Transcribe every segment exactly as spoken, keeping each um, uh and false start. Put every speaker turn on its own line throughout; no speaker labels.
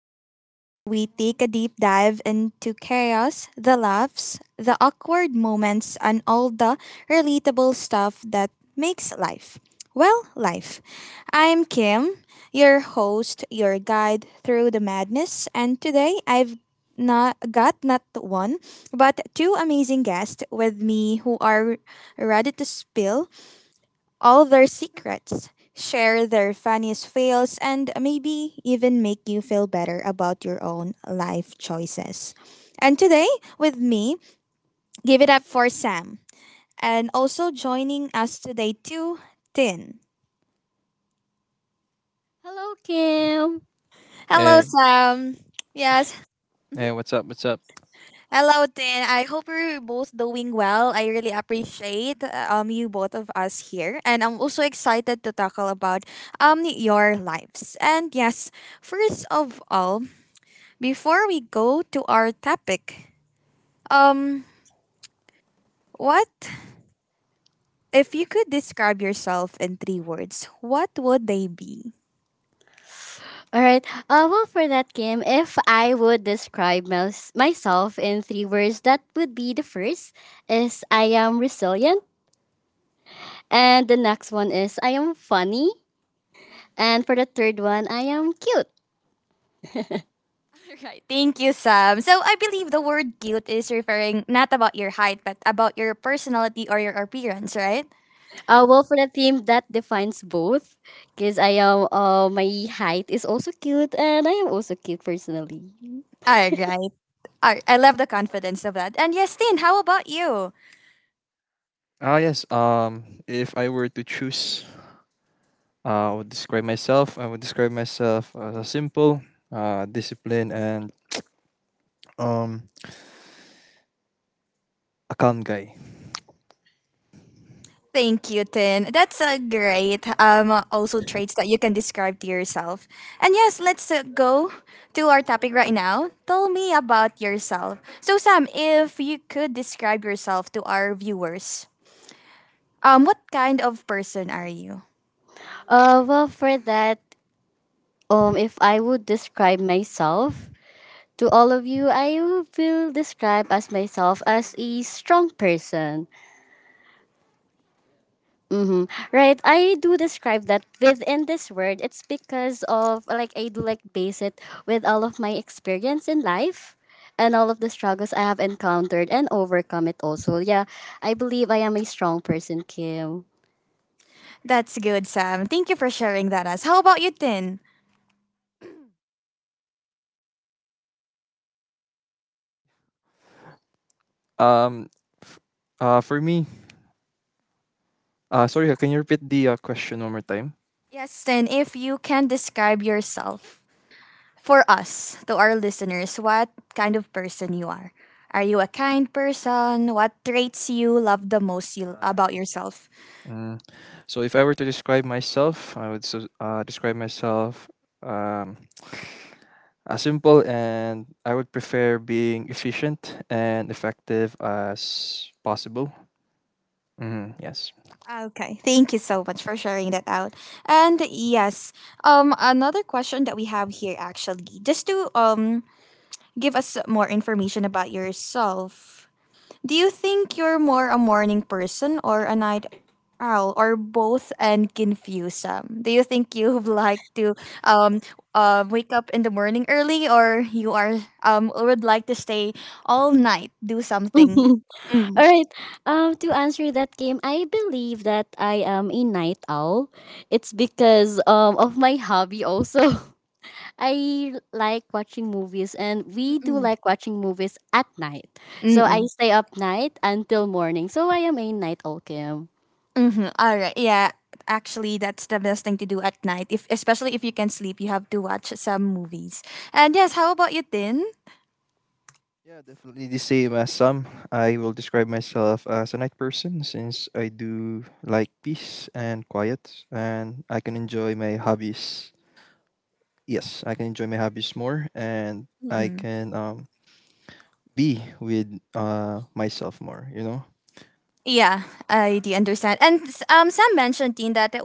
podcast where we take a deep dive into chaos, the laughs, the awkward moments, and all the relatable stuff that makes life. Well, life. I'm Kim, your host, your guide through the madness, and today I've not got not one but two amazing guests with me who are ready to spill all their secrets, share their funniest fails, and maybe even make you feel better about your own life choices. And today, with me, give it up for Sam. And also joining us today too, Tin.
Hello, Kim.
Hello,
Hey,
Sam. Yes,
hey, what's up? What's up?
hello, Tin. I hope you're both doing well. I really appreciate uh, um you both of us here, and I'm also excited to tackle about um your lives. And yes, first of all, before we go to our topic, um, what if you could describe yourself in three words? What would they be?
All right. Uh, well, for that, Kim, if I would describe mys- myself in three words, that would be the first is I am resilient, and the next one is I am funny, and for the third one, I am cute.
Right. Thank you, Sam. So I believe the word cute is referring not about your height, but about your personality or your appearance, right?
Uh, well, for the theme, that defines both, because I am uh, my height is also cute, and I am also cute personally.
All right. All right. I love the confidence of that. And yes, Tin, how about you?
Ah, yes. Um, if I were to choose, uh, I would describe myself. I would describe myself as a simple, uh, disciplined, and um, a calm guy.
Thank you, Tin. That's a great um also traits that you can describe to yourself. And yes, let's uh, go to our topic right now. Tell me about yourself. So Sam, if you could describe yourself to our viewers, um what kind of person are you?
Uh, well, for that, um, if I would describe myself, to all of you, I will describe as myself as a strong person. Mm-hmm. Right? I do describe that within this word. It's because of like I do like base it with all of my experience in life and all of the struggles I have encountered and overcome it also. Yeah, I believe I am a strong person, Kim.
That's good, Sam. Thank you for sharing that us. How about you, Tin?
Um, f- uh, for me, uh, sorry, uh, can you repeat the uh, question one more time?
Yes, Tin, if you can describe yourself for us, to our listeners, what kind of person you are. Are you a kind person? What traits you love the most you,
Ah,
about
okay.
yourself?
Mm. So if I were to describe myself, I would s- uh, describe myself um, as simple and I would prefer being efficient and effective as possible. Hmm. Yes.
Okay, thank you so much for sharing that out. And yes, um, another question that we have here actually, just to um give us more information about yourself. Do you think you're more a morning person or a night owl or both and confuse them? Do you think you've like to um uh, wake up in the morning early or you are um would like to stay all night do something?
All
Mm.
right. Um, to answer that game, I believe that I am a night owl. It's because um of my hobby also. I like watching movies and we do
Mm-mm.
like watching movies at night. So I
Mm-mm.
stay up night until morning. So I am a night owl, Kim.
Mm-hmm. All right. Yeah. Actually, that's the best thing to do at night. If especially if you can sleep, you have to watch some movies. And yes, how about you, Tin?
Yeah, definitely the same as some. I will describe myself as a night person since I do like peace and quiet and I can enjoy my hobbies. Yes, I can enjoy my hobbies more and I
Mm-mm.
can um be with uh myself more, you know?
Yeah, I do understand. And s- um, Sam mentioned Dean that it-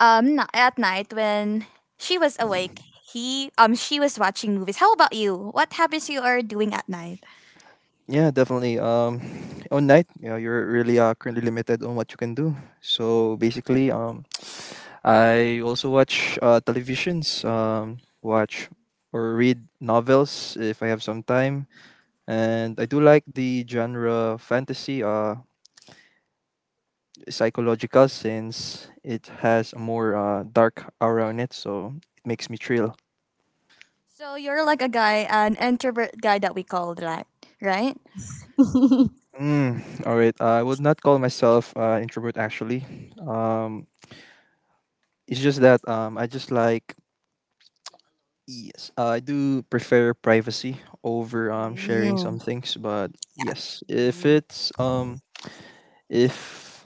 um n- at night when she was awake, he um she was watching movies. How about you? What habits you are doing at night?
Yeah, definitely. Um on night, yeah, you're really uh, currently limited on what you can do. So basically, um I also watch uh, televisions, um, watch or read novels if I have some time. And I do like the genre fantasy, uh, psychological, since it has a more uh, dark aura on it, so it makes me thrill.
So you're like a guy, an introvert guy that we call that, right?
Mm, all right. I would not call myself uh, introvert actually. Um, it's just that um, I just like. Yes, uh, I do prefer privacy over um, sharing some things. But yes, if
Mhm.
it's um, If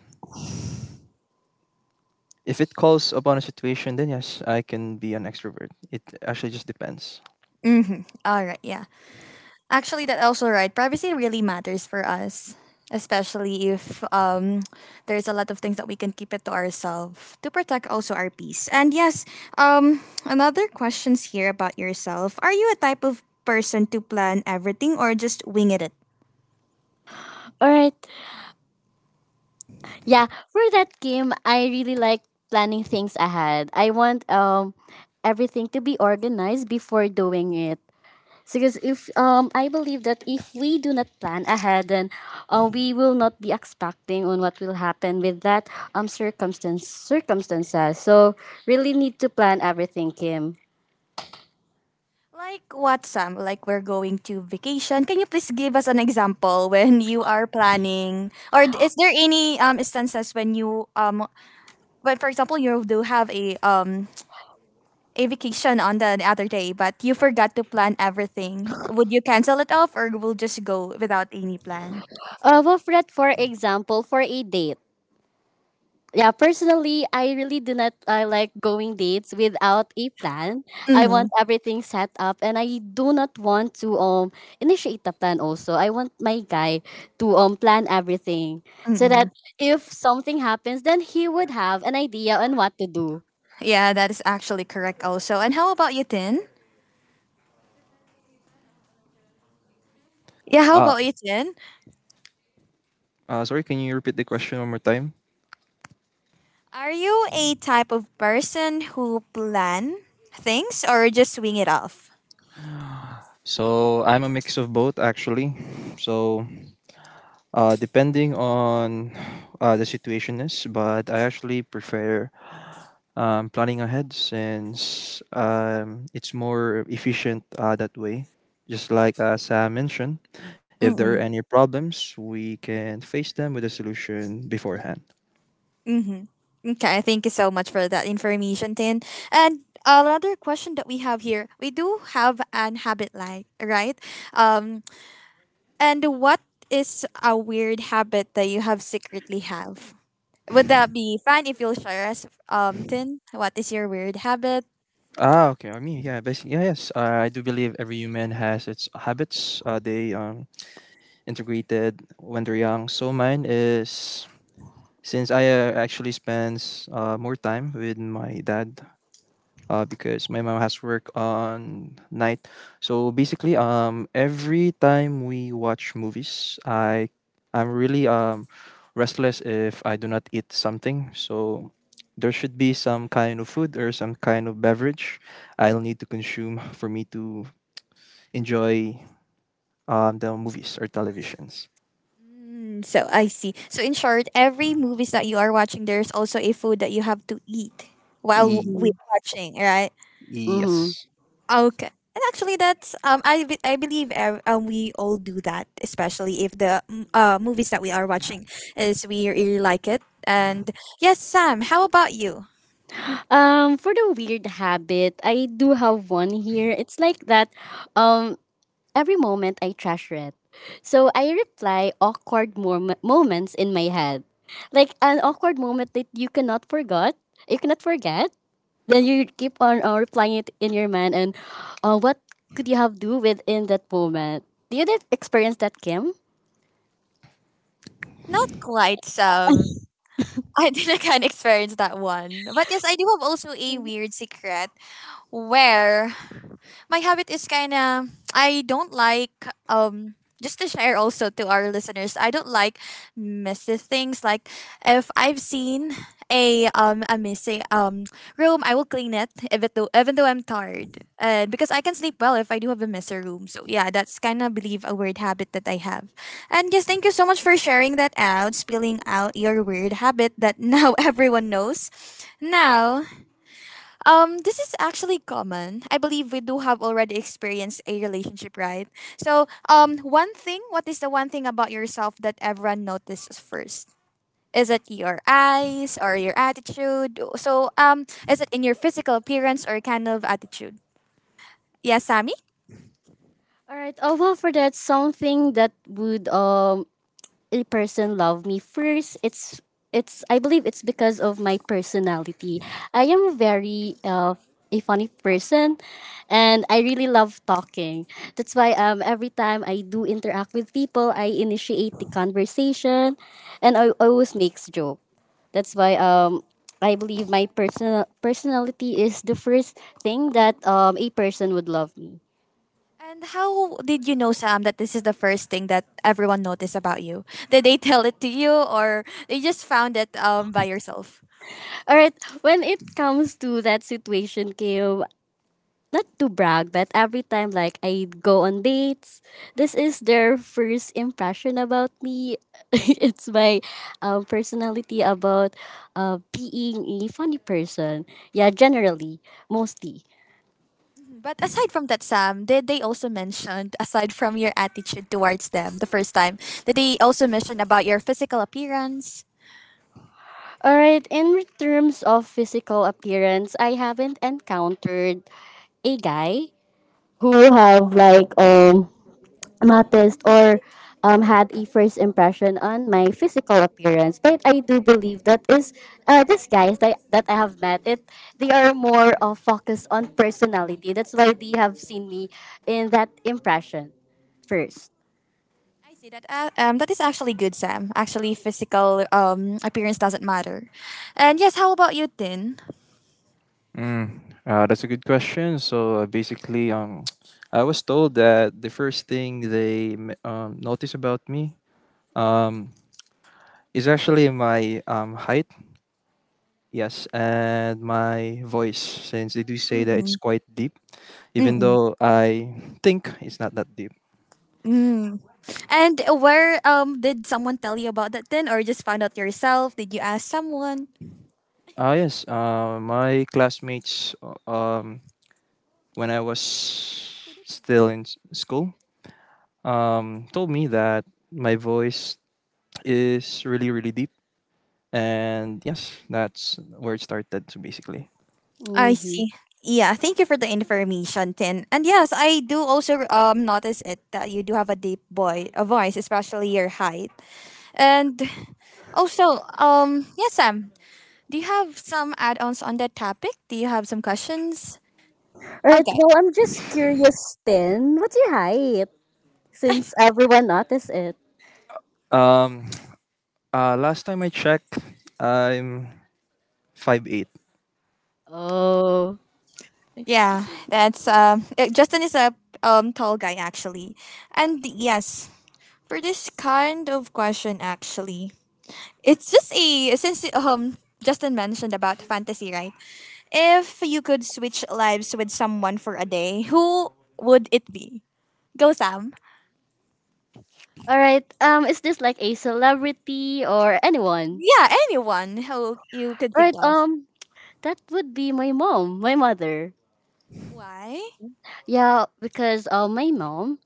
if it calls upon a situation, then yes, I can be an extrovert. It actually just depends.
Mm-hmm. All right. Yeah. Actually, that's also right. Privacy really matters for us, especially if um, there's a lot of things that we can keep it to ourselves to protect also our peace. And yes, um, another questions here about yourself. Are you a type of person to plan everything or just wing it?
All right. Yeah, for that game, I really like planning things ahead. I want um everything to be organized before doing it. Because if um, I believe that if we do not plan ahead, then uh, we will not be expecting on what will happen with that um circumstance circumstances. So really need to plan everything, Kim.
Like what, Sam? Like we're going to vacation. Can you please give us an example when you are planning, or is there any um instances when you um, when for example you do have a um a vacation on the other day, but you forgot to plan everything. Would you cancel it off or will just go without any plan?
Uh, we've read, for example, for a date. Yeah, personally, I really do not uh, like going dates without a plan. I
Mm-hmm.
want everything set up, and I do not want to um initiate the plan. Also, I want my guy to um plan everything so
Mm-hmm.
that if something happens, then he would have an idea on what to do.
Yeah, that is actually correct also. And how about you, Tin? Yeah, how
Uh,
about you, Tin?
uh Sorry, can you repeat the question one more time?
Are you a type of person who plan things or just swing it off?
So I'm a mix of both actually. So uh depending on uh the situation is, but I actually prefer um planning ahead since um it's more efficient uh that way. Just like uh, Sam mentioned, if there are
Mm-mm.
any problems, we can face them with a solution beforehand.
Mm-hmm. Okay, thank you so much for that information, Tin. And another question that we have here, we do have an habit like, right? Um, And what is a weird habit that you have secretly have? Would that be fine if you'll share us, um, Tin? What is your weird habit?
Ah, okay. I mean, yeah, basically, yeah, yes. Uh, I do believe every human has its habits. Uh, they um integrated when they're young. So mine is since I uh, actually spends uh, more time with my dad uh, because my mom has work on night. So basically, um, every time we watch movies, I I'm really um restless if I do not eat something. So there should be some kind of food or some kind of beverage I'll need to consume for me to enjoy um, the movies or televisions.
Mm, so I see. So in short, every movies that you are watching, there's also a food that you have to eat while
E-
we
Mm-hmm.
watching, right?
Mm-hmm.
yes.
Okay. And actually, that's um, I be- I believe ev- um, we all do that, especially if the mm, uh, movies that we are watching is we really like it. And yes, Sam, how about you?
Um, for the weird habit, I do have one here. It's like that. Um, Every moment I treasure it. So I reply awkward mom- moments in my head. Like an awkward moment that you cannot forget, you cannot forget. Then you keep on uh, replying it in your mind and uh, what could you have do within that moment? Did you did experience that, Kim?
Not quite, Sam. I think I can experience that one. But yes, I do have also a weird secret where my habit is kind of, I don't like, um just to share also to our listeners, I don't like messy things. Like if I've seen a um a messy um room, I will clean it even though even though I'm tired, uh, because I can sleep well if I do have a messy room. So yeah, that's kind of believe a weird habit that I have. And yes, thank you so much for sharing that out, spilling out your weird habit that now everyone knows now. um, this is actually common. I believe we do have already experienced a relationship, right? So, um, one thing, what is the one thing about yourself that everyone notices first? Is it your eyes or your attitude? So, um, is it in your physical appearance or kind of attitude? Yes, Sammy?
All right. Oh well, for that, something that would um a person love me first, it's it's I believe it's because of my personality. I am very uh, a funny person, and I really love talking. That's why um every time I do interact with people, I initiate the conversation, and I always makes joke. That's why um I believe my personal personality is the first thing that um a person would love me.
And how did you know, Sam, that this is the first thing that everyone noticed about you? Did they tell it to you, or you just found it um, by yourself?
All right, when it comes to that situation, Kim, not to brag, but every time like I go on dates, this is their first impression about me. It's my um, personality about uh, being a funny person. Yeah, generally, mostly.
Mhm. But aside from that, Sam, did they also mention, aside from your attitude towards them the first time, did they also mention about your physical appearance?
All right. In terms of physical appearance, I haven't encountered a guy who have like um noticed or um, had a first impression on my physical appearance. But I do believe that is uh, these guys that, that I have met it, they are more uh, focused on personality. That's why they have seen me in that impression first.
I see that. Uh, um, that is actually good, Sam. Actually, physical um appearance doesn't matter. And yes, how about you, Tin?
Mm, uh, that's a good question. So uh, basically, um, I was told that the first thing they m- um, notice about me um, is actually my um, height, yes, and my voice, since they do say
Mm
that it's
mm
quite deep, even
mm
though I think it's not that deep.
mm. And where um did someone tell you about that then or just found out yourself? Did you ask someone?
Ah, yes, uh, my classmates, uh, um, when I was still in s- school, um, told me that my voice is really, really deep. And yes, that's where it started. So basically,
I
Mm-hmm.
see. Yeah, thank you for the information, Tin. And yes, I do also um notice it that you do have a deep boy a voice, especially your height. And also, um yes, Sam, do you have some add-ons on that topic? Do you have some questions?
Alright,
Okay.
well, I'm just curious then. What's your height? Since everyone noticed it.
um, uh, last time I checked, I'm five eight.
Oh.
Yeah, that's um uh, Justin is a um tall guy actually. And yes, for this kind of question actually, it's just a since um Justin mentioned about fantasy, right? If you could switch lives with someone for a day, who would it be? Go Sam.
Alright, um is this like a celebrity or anyone?
Yeah, anyone who you could think
Right,
of.
um that would be my mom, my mother.
Why?
Yeah, because uh, my mom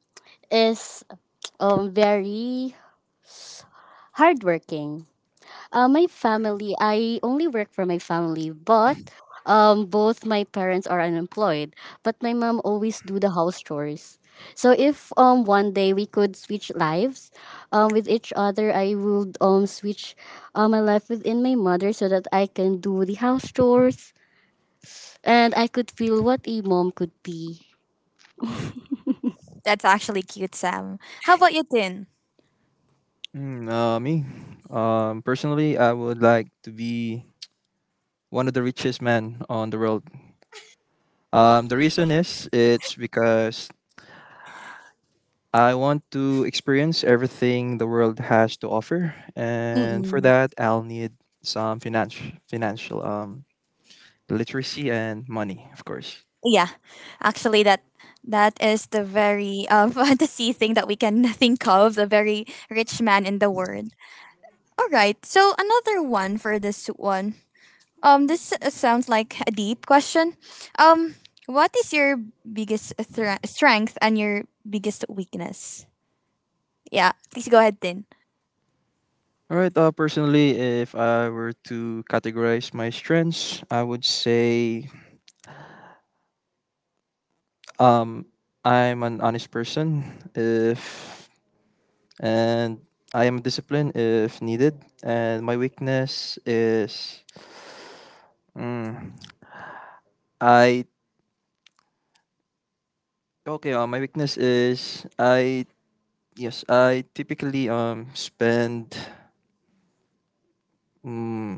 is um, very hardworking. Uh, my family, I only work for my family, but um, both my parents are unemployed. But my mom always do the house chores. So if um one day we could switch lives, um with each other, I would um switch um my life within my mother so that I can do the house chores and I could feel what a mom could be.
That's actually cute, Sam. How about you, Tin?
Mm, uh, me, um, personally, I would like to be one of the richest men on the world. Um, the reason is it's because I want to experience everything the world has to offer, and for
Mm-mm.
that, I'll need some financial financial um literacy and money, of course.
Yeah, actually, that that is the very um, fantasy thing that we can think of. The very rich man in the world. All right. So another one for this one. Um, this s- sounds like a deep question. Um, what is your biggest thra- strength and your biggest weakness? Yeah, please go ahead, Tin.
All right. Uh, personally, if I were to categorize my strengths, I would say um, I'm an honest person. If and I am disciplined if needed, and my weakness is mm, I okay. Uh, my weakness is I, yes, I typically um spend mm,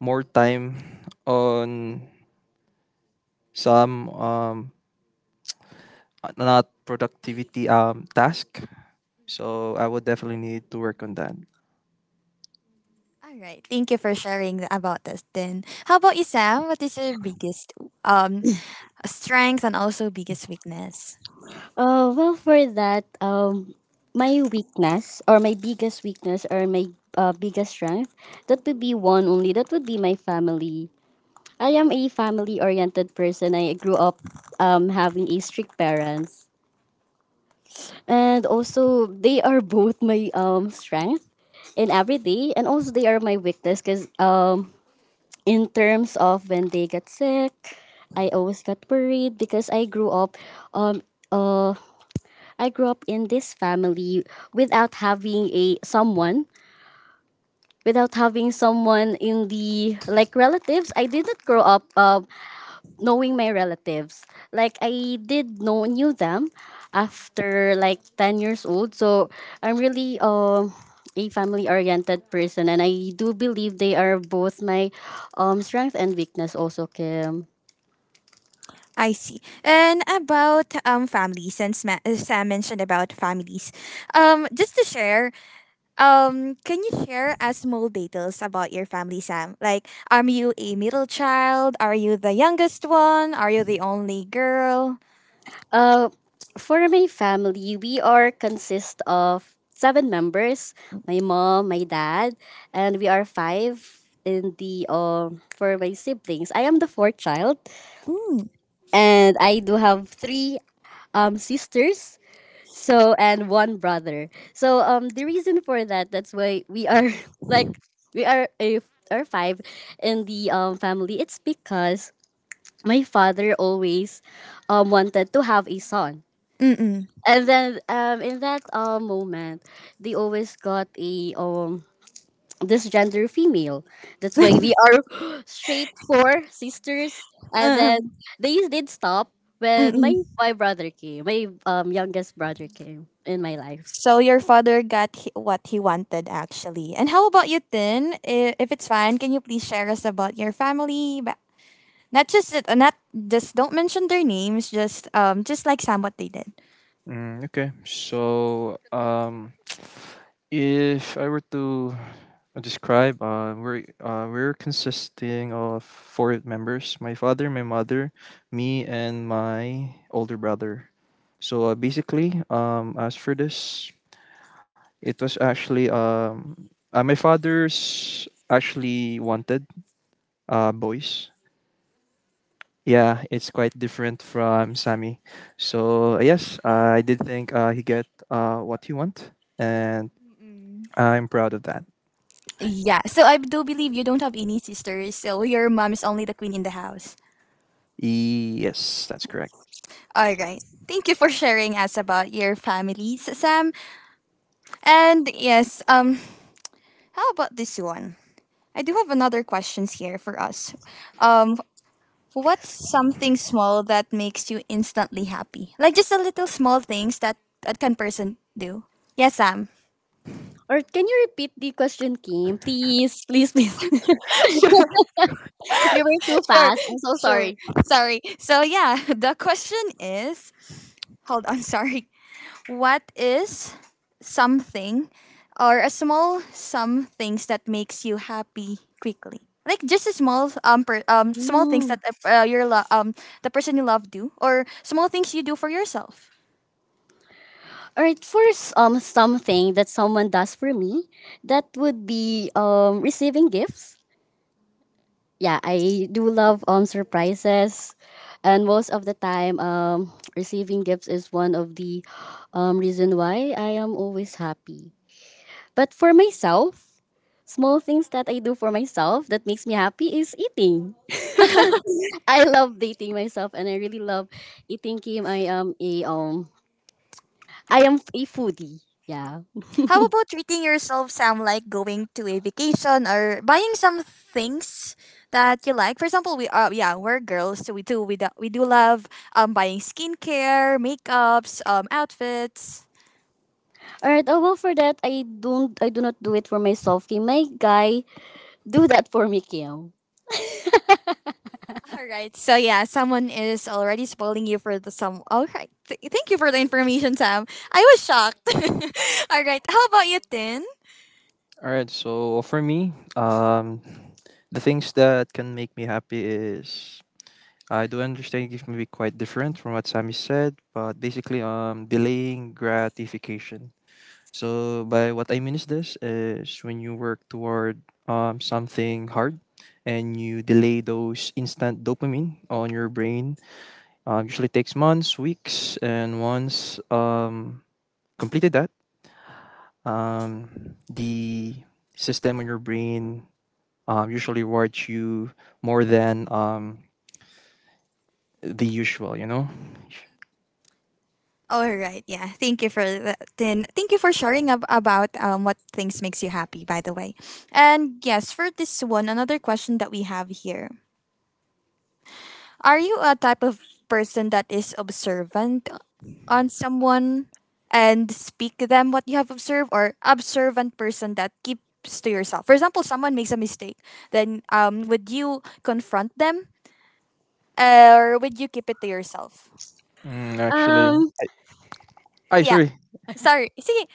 more time on some um uh, not productivity um task. So I would definitely need to work on that.
All right, thank you for sharing th- about this, Tin. How about you, Sam? What is your biggest um strength and also biggest weakness?
Uh, well, for that, um, my weakness or my biggest weakness or my uh, biggest strength, that would be one only. That would be my family. I am a family-oriented person. I grew up um, having a strict parents, and also they are both my um strength in every day, and also they are my weakness because um in terms of when they get sick, I always got worried because I grew up um uh I grew up in this family without having a someone, without having someone in the like relatives. I didn't grow up um knowing my relatives. Like I did know knew them after like ten years old. So I'm really um a family oriented person and I do believe they are both my um strength and weakness also, Kim.
I see. And about um family, since Ma- uh, Sam mentioned about families, um, just to share, Um, can you share us small details about your family, Sam? Like, are you a middle child? Are you the youngest one? Are you the only girl?
Uh, for my family, we are consist of seven members: my mom, my dad, and we are five in the um for my siblings. I am the fourth child,
Mm.
and I do have three um sisters. So and one brother. So um the reason for that, that's why we are like we are a are five in the um family. It's because my father always um wanted to have a son,
Mm-mm.
and then um in that uh, moment they always got a um this gender female. That's why we are straight four sisters, and
Mm-mm.
then they did stop when my
Mm-mm.
my brother came, my um youngest brother came in my life.
So your father got he- what he wanted actually. And how about you, Tin? I- If it's fine, can you please share us about your family? But not just it- not just don't mention their names. Just um, just like Sam, what they did.
Mm, okay. So, um, if I were to describe, uh, we're uh, we're consisting of four members: my father, my mother, me, and my older brother. So uh, basically, um, as for this, it was actually um, uh, my father's actually wanted uh boys. Yeah, it's quite different from Sammy. So yes, I did think uh, he get uh, what he want, and
Mm-mm.
I'm proud of that.
Yeah. So I do believe you don't have any sisters, so your mom is only the queen in the house.
Yes, that's correct.
All right. Thank you for sharing us about your families, Sam. And yes, um how about this one? I do have another questions here for us. Um what's something small that makes you instantly happy? Like just a little small things that that can person do. Yes, Sam.
Or can you repeat the question, Kim? Please, please, please.
Sure,
You were too
sure,
fast, I'm so
sure.
sorry.
Sorry. So yeah, the question is hold on, sorry. What is something or a small some things that makes you happy quickly? Like just a small um, per, um small things
Mm.
that uh, uh, your lo- um the person you love do or small things you do for yourself.
All right, for s- um something that someone does for me, that would be um receiving gifts. Yeah, I do love um surprises, and most of the time, um, receiving gifts is one of the um reason why I am always happy. But for myself, small things that I do for myself that makes me happy is eating. I love dating myself, and I really love eating. Kim, I am a um, I am a foodie. Yeah.
How about treating yourself Sam, like going to a vacation or buying some things that you like? For example, we uh, yeah, we're girls, so we do we do, we do love um buying skincare, makeups, um outfits.
All right. Oh well, for that, I don't. I do not do it for myself. Kim, my guy do that for me, Kim.
All right. So yeah, someone is already spoiling you for the some. All right. Th- thank you for the information, Sam. I was shocked. All right. How about you, Tin?
All right. So for me, um, the things that can make me happy is I do understand it may be quite different from what Sammy said, but basically, um, delaying gratification. So by what I mean is this is when you work toward um, something hard and you delay those instant dopamine on your brain. Um, usually takes months, weeks, and once um, completed that, um, the system on your brain um, usually rewards you more than um, the usual. You know,
All right. Yeah. Thank you for that, Tin. Thank you for sharing ab- about um what things makes you happy. By the way, and yes, for this one, another question that we have here: are you a type of person that is observant on someone and speak to them what you have observed or observant person that keeps to yourself. For example, someone makes a mistake, then um, would you confront them uh, or would you keep it to yourself?
mm, actually.
Um.
I
Yeah,
sorry.
sorry. See,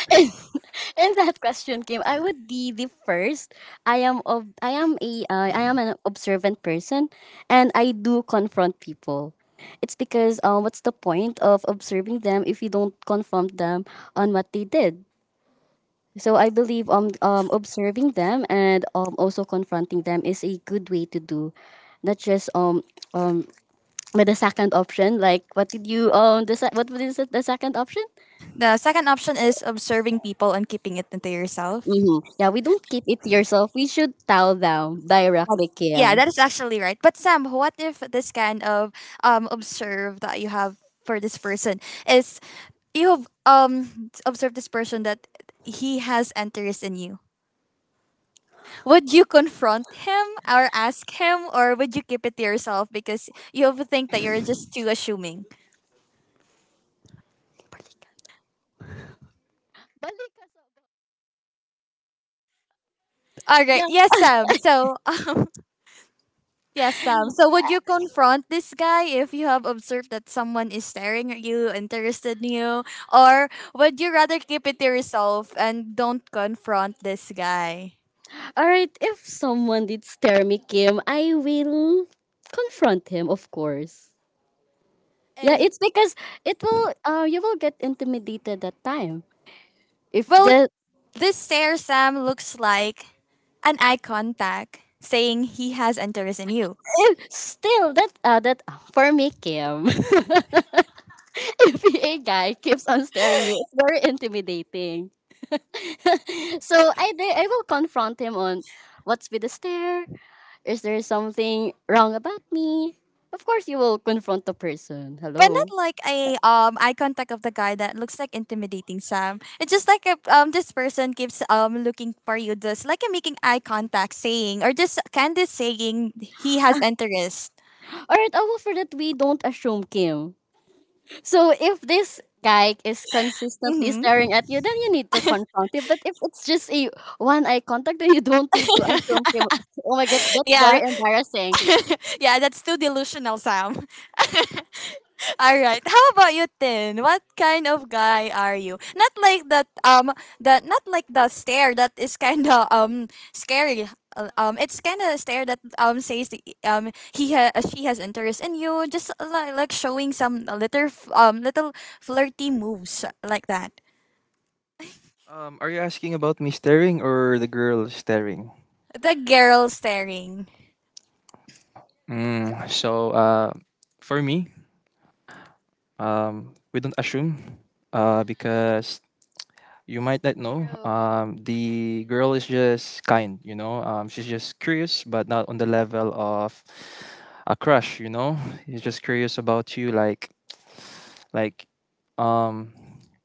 In that question, Kim, I would be the first. I am of I am a uh, I am an observant person, and I do confront people. It's because um, what's the point of observing them if you don't confront them on what they did? So I believe um, um observing them and um also confronting them is a good way to do, not just um um with the second option, like what did you um the se- what was the second option?
the second option is observing people and keeping it into yourself.
Hmm. Yeah, we don't keep it to yourself. We should tell them directly,
That's, yeah,
Kim.
that is actually right. But Sam, what if this kind of um, observe that you have for this person is you have um observed this person that he has interest in you. Would you confront him or ask him, or would you keep it to yourself because you think that you're just too assuming? All right.
Yeah.
Yes, Sam. So, yes, Sam. So, would you confront this guy if you have observed that someone is staring at you, interested in you, or would you rather keep it to yourself and don't confront this guy?
All right. If someone did stare me, Kim, I will confront him, of course. Yeah,
And
it's because it will. Uh, you will get intimidated that time. If
well,
the
this stare Sam looks like an eye contact saying he has interest in you.
if still that uh, that for me, Kim, if a guy keeps on staring you, it's very intimidating. So I di- I will confront him on what's with the stare. Is there something wrong about me? Of course, you will confront the person.
But not
Hello.
like a um eye contact of the guy that looks like intimidating Sam. It's just like a, um this person keeps um looking for you, just like a making eye contact, saying or just Candice saying he has interest.
All right, I will. For that, we don't assume, Kim. So if this guy is consistently
Mm-hmm.
staring at you, then you need to confront him. But if it's just a one eye contact, then you don't need to assume, Kim. Oh my god, that's very
Yeah,
embarrassing.
yeah, that's too delusional, Sam. All right. How about you, Tin? What kind of guy are you? Not like that. Um, that not like the stare that is kind of um scary. Uh, Um, it's kind of a stare that um says that, um he ha- uh, she has interest in you. Just like like showing some little f- um little flirty moves like that.
Um, are you asking about me staring or the girl staring?
The girl staring.
Mm, so uh, for me, um, we don't assume uh, because you might not know.
True.
Um, the girl is just kind, you know. Um, she's just curious, but not on the level of a crush, you know. She's just curious about you, like like um,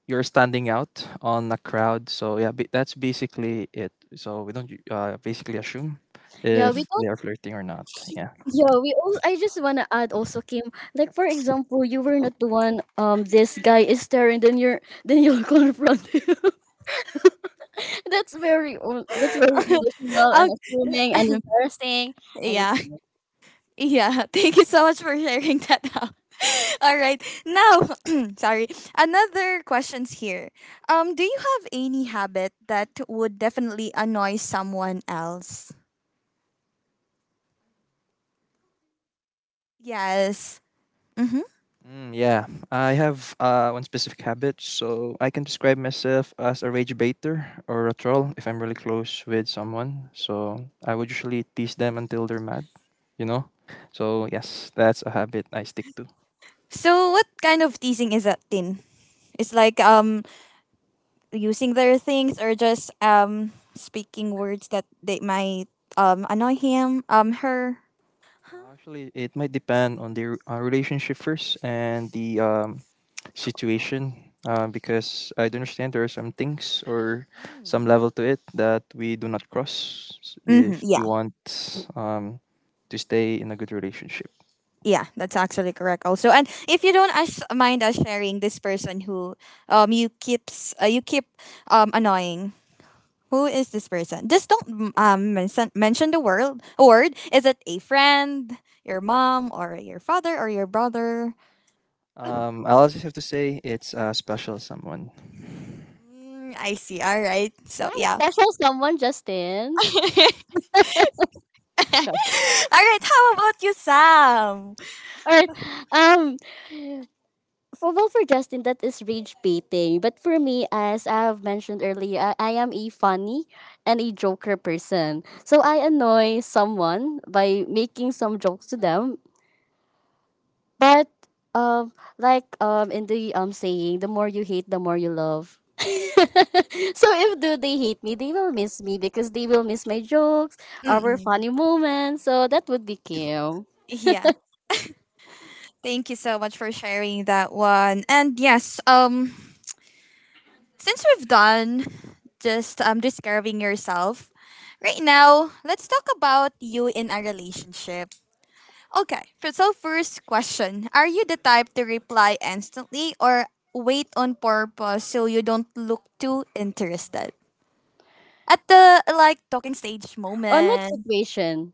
you're standing out on a crowd. So yeah, ba- that's basically it. So we don't uh, basically assume
Yeah, we
Mhm.
if they
don't.
are flirting or not. Yeah.
Yeah, we. All, I just wanna add also, Kim. Like for example, you were not the one. Um, this guy is staring. Then you're. Then you'll confront him. That's very o- that's very delusional and assuming
Okay.
and embarrassing. I don't
Yeah.
know.
Yeah, thank you so much for sharing that out. All right. Now, sorry. Another question's here. Um, do you have any habit that would definitely annoy someone else? Yes. Mm-hmm.
Mm, yeah, I have uh, one specific habit, so I can describe myself as a rage baiter or a troll if I'm really close with someone. So I would usually tease them until they're mad, you know? So, yes, that's a habit I stick to. Uh,
So, what kind of teasing is that, Tin? It's like um using their things or just um speaking words that they might um annoy him, um her.
Actually, it might depend on the uh, relationship first and the um, situation uh, because I do understand there are some things or some
Hmm.
level to it that we do not cross
Mm-hmm.
if you want um, to stay in a good relationship.
Yeah, that's actually correct also. And if you don't us mind us sharing this person who um you keeps uh, you keep um annoying. Who is this person? Just don't um mention mention the word. Word, is it a friend, your mom, or your father, or your brother?
Um, I'll just have to say it's a special someone.
Mm, I see. All right.
You
So
have a
yeah.
special someone, Justin.
All
Sure.
right. How about you, Sam?
All right. Um. For well, for Justin, that is rage baiting. But for me, as I've mentioned earlier, I, I am a funny and a joker person. So I annoy someone by making some jokes to them. But um, like um, in the um saying, the more you hate, the more you love. So if do they hate me, they will miss me because they will miss my jokes, our
Mm-mm.
funny moments. So that would be cute.
Yeah. Thank you so much for sharing that one. And yes, um, since we've done just um, describing yourself. Right now, let's talk about you in a relationship. Okay, f- so first question, are you the type to reply instantly or wait on purpose so you don't look too interested? At the like talking stage
On what
moment,
situation?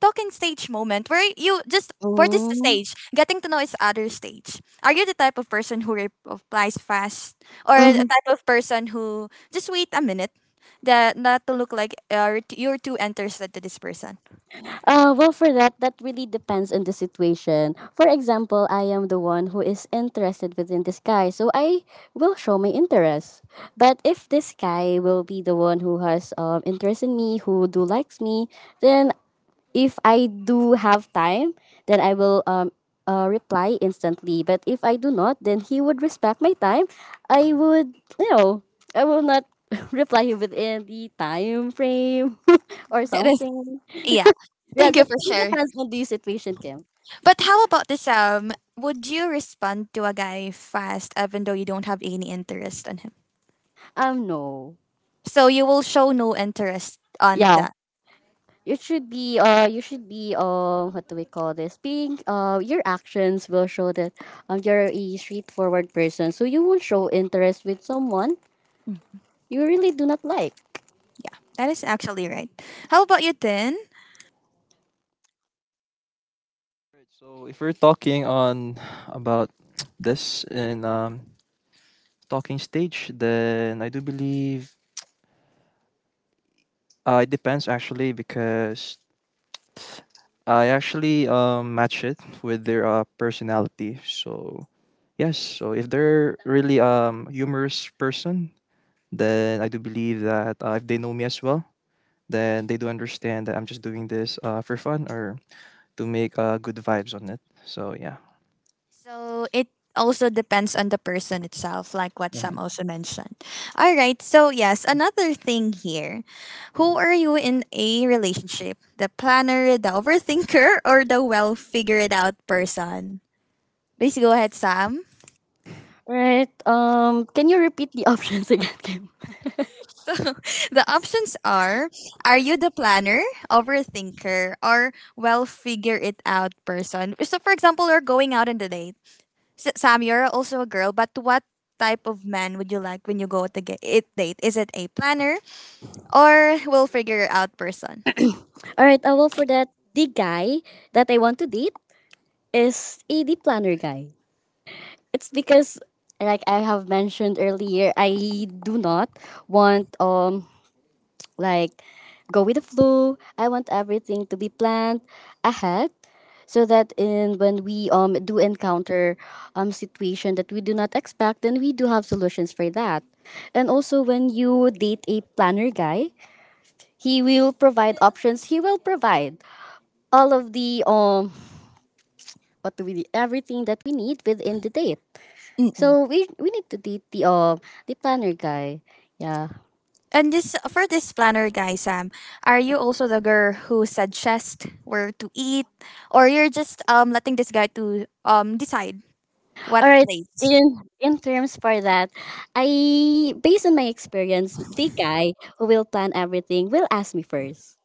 talking stage moment where you just for this
Mm-hmm.
stage, getting to know each other stage. Are you the type of person who re- replies fast, or the type of person who just wait a minute, that not to look like uh, you're too interested to this person?
Uh, well, for that, that really depends on the situation. For example, I am the one who is interested within this guy, so I will show my interest. But if this guy will be the one who has um, interest in me, who do likes me, then if I do have time, then I will um, uh, reply instantly. But if I do not, then he would respect my time. I would, you know, I will not reply within the time frame or
That is,
something.
yeah.
Yeah,
Thank you
that
for
really
sharing.
depends on the situation, Kim.
But how about this, um? Would you respond to a guy fast even though you don't have any interest on him?
Um, no.
So you will show no interest on
Yeah,
that.
you should be. Uh, you should be. Um, what do we call this? Being. Uh, your actions will show that. Um, you're a straightforward person, so you won't show interest with someone you really do not like.
That is actually right. How about you, Tin?
Right, so if we're talking on about this in um, talking stage, then I do believe uh, it depends actually because I actually um, match it with their uh, personality. So, yes, so if they're really um humorous person, then I do believe that uh, if they know me as well, then they do understand that I'm just doing this uh, for fun or to make uh, good vibes on it. So, yeah.
So it also depends on the person itself, like what Sam
Mhm.
also mentioned. All right. So yes, another thing here. Who are you in a relationship? The planner, the overthinker, or the well figured out person? Please go ahead, Sam.
Right. Um. Can you repeat the options again, Kim?
So the options are Are you the planner, overthinker, or well figure it out person? So, for example, we're going out on the date. S- Sam, you're also a girl, but what type of man would you like when you go to get it date? Is it a planner or will figure it out person?
All right. Uh, well, for that, the guy that I want to date is a the planner guy. It's because, like I have mentioned earlier, I do not want um Like, go with the flow. I want everything to be planned ahead so that in when we um do encounter um situation that we do not expect, then we do have solutions for that. And also when you date a planner guy, he will provide options. He will provide all of the um what do we need, everything that we need within the date.
Mm-mm.
So we we need to date the um the planner guy. Yeah.
And just for this planner guy, Sam, are you also the girl who suggests where to eat, or you're just um letting this guy to um decide
All
what
right.
place?
In in terms for that, I based on my experience, the guy who will plan everything will ask me first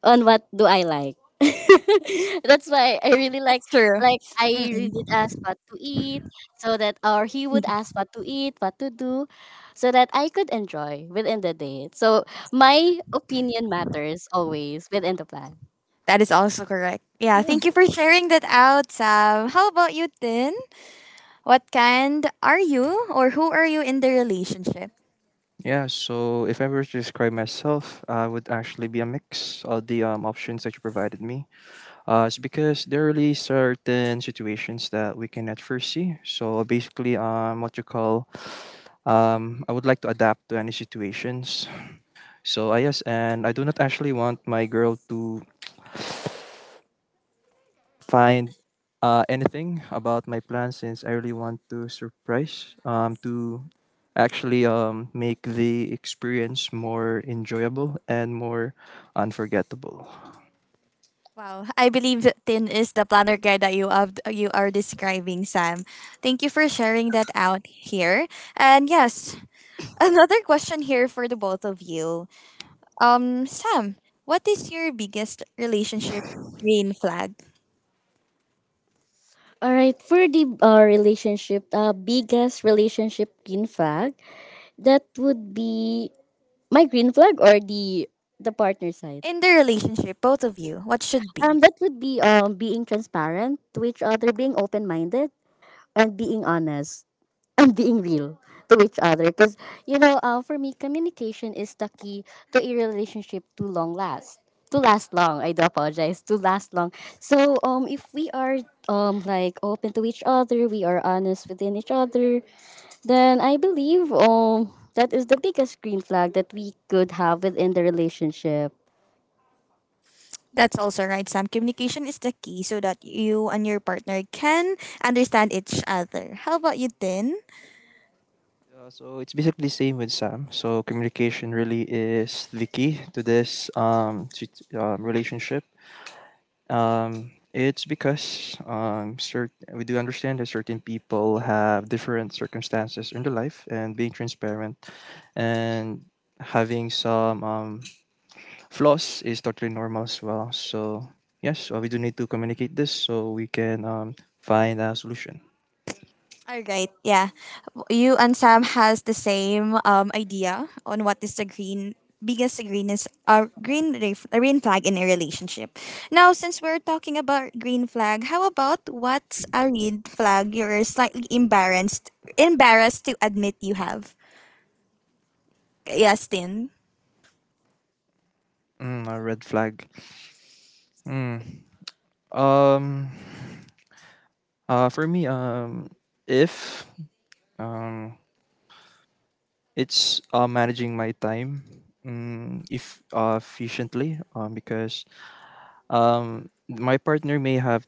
on what do I like. That's why I really like
That's true.
like I really did
Mm-mm.
ask what to eat so that or he would ask what to eat, what to do so that I could enjoy within the date. So my opinion matters always within the plan.
That is also correct. Yeah, thank you for sharing that out, Sam. How about you, Tin? What kind are you or who are you in the relationship?
Yeah, so if I were to describe myself, I would actually be a mix of the um, options that you provided me. Uh, it's because there are really certain situations that we can at first see. So basically, um, what you call Um, I would like to adapt to any situations. So I, yes, and I do not actually want my girl to find uh, anything about my plan since I really want to surprise um, to actually um, make the experience more enjoyable and more unforgettable.
Wow, I believe that Tin is the planner guy that you have, you are describing, Sam. Thank you for sharing that out here. And yes, another question here for the both of you. Um, Sam, what is your biggest relationship green flag
All right, for the uh, relationship, uh, biggest relationship green flag. That would be my green flag or the the partner side.
in the relationship, both of you? What should be?
Um, that would be um being transparent to each other, being open minded, and being honest and being real to each other. Because you know, uh, for me, communication is the key to a relationship to long last, to last long. I do apologize, to last long. So um, if we are um like open to each other, we are honest within each other, then I believe um that is the biggest green flag that we could have within the relationship.
That's also right, Sam. Communication is the key so that you and your partner can understand each other. How about you, Tin?
Uh, so it's basically the same with Sam. So communication really is the key to this um, sit- um, relationship. Um, it's because um, cert- we do understand that certain people have different circumstances in their life, and being transparent and having some um, flaws is totally normal as well. So yes, uh, we do need to communicate this so we can um, find a solution.
All right, yeah. You and Sam has the same um, idea on what is the green biggest green is uh, green re- green flag in a relationship. Now, since we're talking about green flag, how about what's a red flag you're slightly embarrassed embarrassed to admit you have? Yes, Tin.
Mm, a red flag. Mm. Um, uh, for me, um, if um, it's uh, managing my time mm, if uh, efficiently um, because um, my partner may have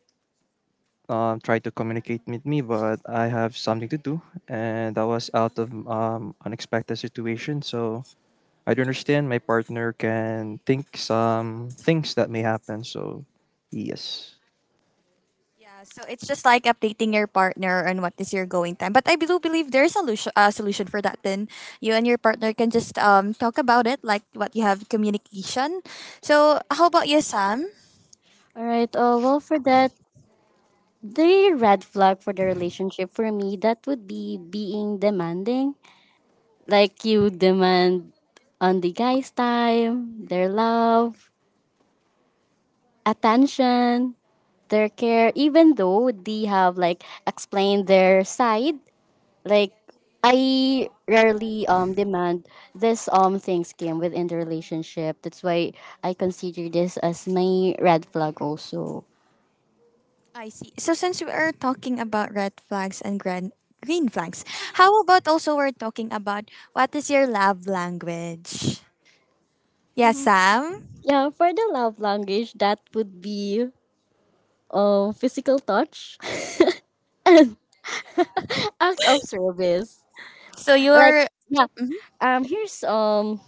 uh, tried to communicate with me, but I have something to do, and that was out of um, unexpected situation. So I do understand my partner can think some things that may happen. So yes,
Yeah, so it's just like updating your partner on what is your going time. But I do believe there is a solution, uh, solution for that. Then you and your partner can just um talk about it, like what you have communication. So how about you, Sam?
All right. Uh, well, for that, the red flag for the relationship for me that would be being demanding. Like you demand on the guy's time, their love, attention, their care, even though they have like explained their side. Like I rarely um demand this um things came within the relationship. That's why I consider this as my red flag also.
I see. So since we are talking about red flags and grand, green flags, how about also we're talking about what is your love language? Yeah,
Mhm.
Sam.
Yeah, for the love language, that would be um physical touch, act of service.
So
Like
you're.
yeah, um here's um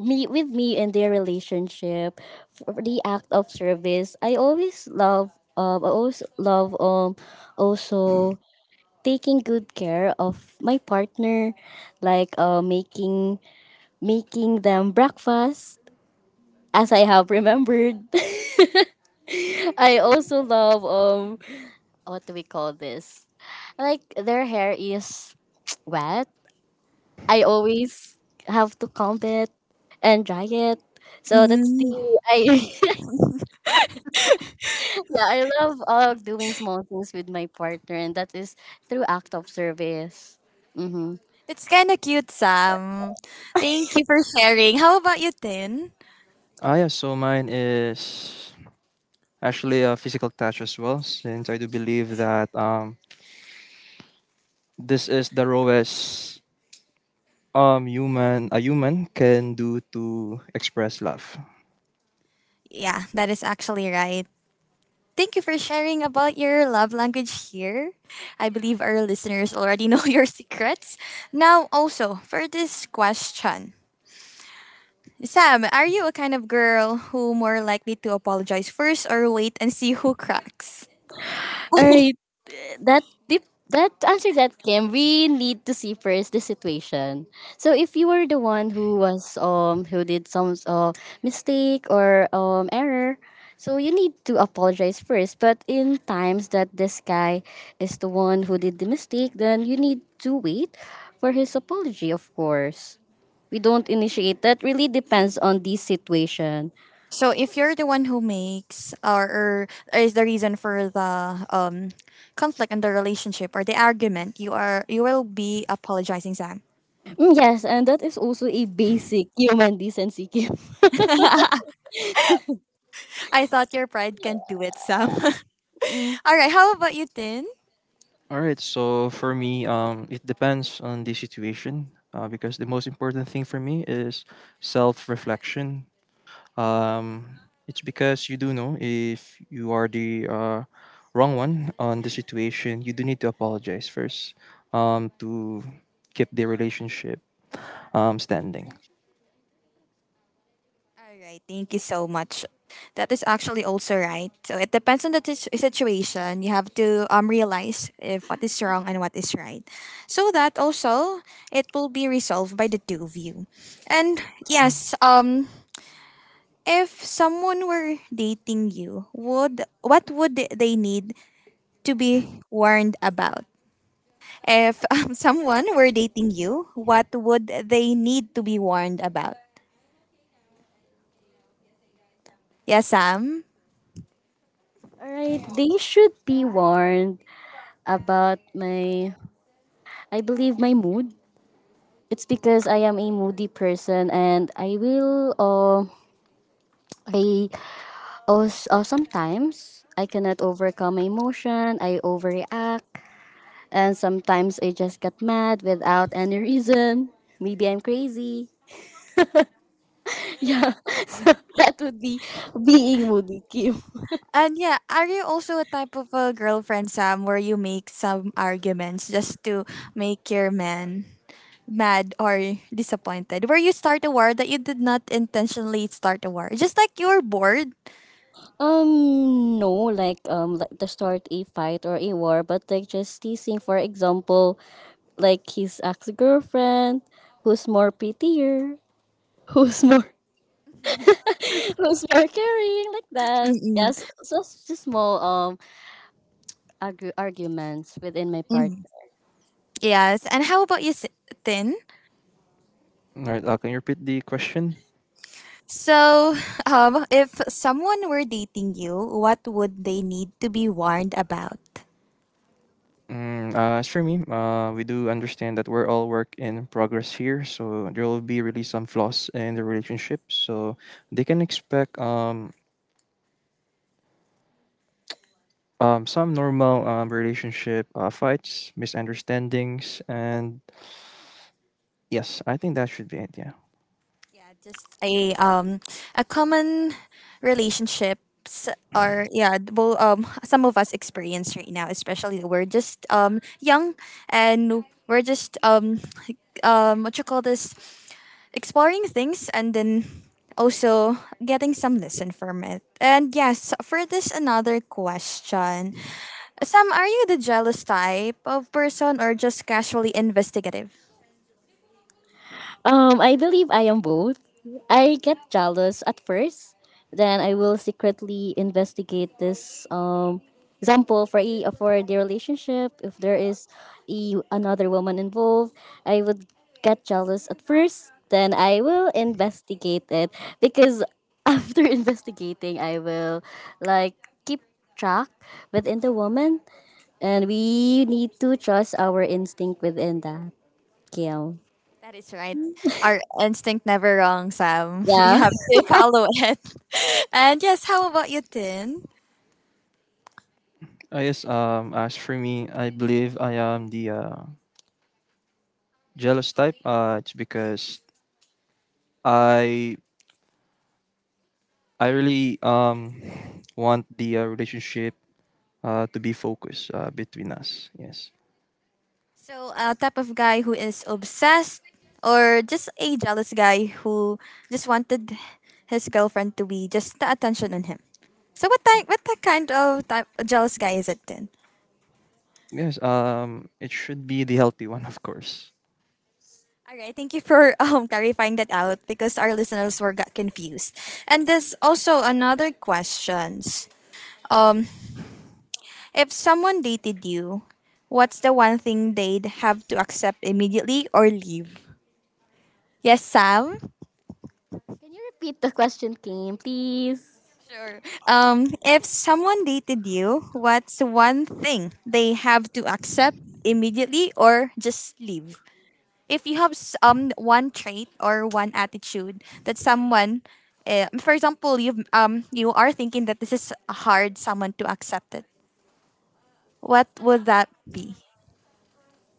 me with me in their relationship. For the act of service, i always love um I always love um also taking good care of my partner, like uh, making making them breakfast, as I have remembered. I also love um what do we call this? Like their hair is wet. I always have to comb it and dry it. So that's the
Mm,
I yeah, I love uh, doing small things with my partner, and that is through act of service. Mm-hmm.
it's kind of cute, Sam. Thank you for sharing. How about you, Tin?
ah yeah. So mine is actually a physical touch as well, since I do believe that um, this is the rawest um human a human can do to express love.
Yeah, that is actually right. Thank you for sharing about your love language here. I believe our listeners already know your secrets. Now, also, for this question, Sam, are you a kind of girl who more likely to apologize first or wait and see who cracks?
All right, that dip, that to answer that, Kim, we need to see first the situation. So if you were the one who was um who did some uh, mistake or um error, so you need to apologize first. But in times that this guy is the one who did the mistake, then you need to wait for his apology. Of course we don't initiate that. Really depends on the situation.
So if you're the one who makes or, or is the reason for the um conflict in the relationship or the argument, you are you will be apologizing, Sam.
Mm, yes, and that is also a basic human decency, Kim.
I thought your pride can not do it, Sam. All right, how about you, Tin?
All right, so for me, um it depends on the situation uh, because the most important thing for me is self reflection. um it's because you do know if you are the uh, wrong one on the situation you do need to apologize first um to keep the relationship um standing.
All right, thank you so much. That is actually also right. So it depends on the t- situation. You have to um realize if what is wrong and what is right, so that also it will be resolved by the two of you. And yes, um, if someone were dating you, would what would they need to be warned about? If um, someone were dating you, what would they need to be warned about? Yes, Sam.
Alright, they should be warned about my, I believe, my mood. It's because I am a moody person and I will, uh, I, oh, uh, sometimes I cannot overcome my emotion, I overreact, and sometimes I just get mad without any reason. Maybe I'm crazy. Yeah, so that would be being moody, Kim.
And yeah, are you also a type of a girlfriend, Sam, where you make some arguments just to make your man mad or disappointed? Where you start a war that you did not intentionally start a war, just like you're bored.
Um, no, like um, like to start a fight or a war, but like just teasing. For example, like his ex girlfriend, who's more prettier, who's more, who's more caring, like that.
Mm-mm.
Yes, so it's just small um argu- arguments within my part.
Mm-hmm. Yes. And how about you, S- Tin?
All right, uh, can you repeat the question?
So, um, if someone were dating you, what would they need to be warned about?
Mm, uh, as for me, uh, we do understand that we're all work in progress here, so there will be really some flaws in the relationship. So they can expect um, um, some normal um, relationship uh, fights, misunderstandings, and yes, I think that should be it. Yeah.
Yeah, just a um a common relationships or yeah, well, um some of us experience right now, especially that we're just um young and we're just um like, um what you call this, exploring things and then also getting some lesson from it. And yes, for this another question. Sam, are you the jealous type of person or just casually investigative?
Um, I believe I am both. I get jealous at first, then I will secretly investigate this. Um, example for a for the relationship, if there is a, another woman involved, I would get jealous at first. Then I will investigate it because after investigating, I will like keep track within the woman, and we need to trust our instinct within that, Kim.
That is right. Our instinct never wrong, Sam. You
Yeah.
have to follow it. And yes, how about you, Tin?
I guess um, as for me, I believe I am the uh, jealous type. Uh, it's because I I really um want the uh, relationship uh, to be focused uh, between us. Yes.
So, a type of guy who is obsessed or just a jealous guy who just wanted his girlfriend to be just the attention on him. So, what type, what type kind of type jealous guy is it, Tin?
Yes, um, it should be the healthy one, of course.
All right, thank you for um, clarifying that out because our listeners were got confused. And there's also another questions. Um, If someone dated you, what's the one thing they'd have to accept immediately or leave? Yes, Sam?
Can you repeat the question, Kim, please?
Sure. Um, if someone dated you, what's one thing they have to accept immediately or just leave? If you have s- um one trait or one attitude that someone, uh, for example, you um you are thinking that this is hard someone to accept it. What would that be?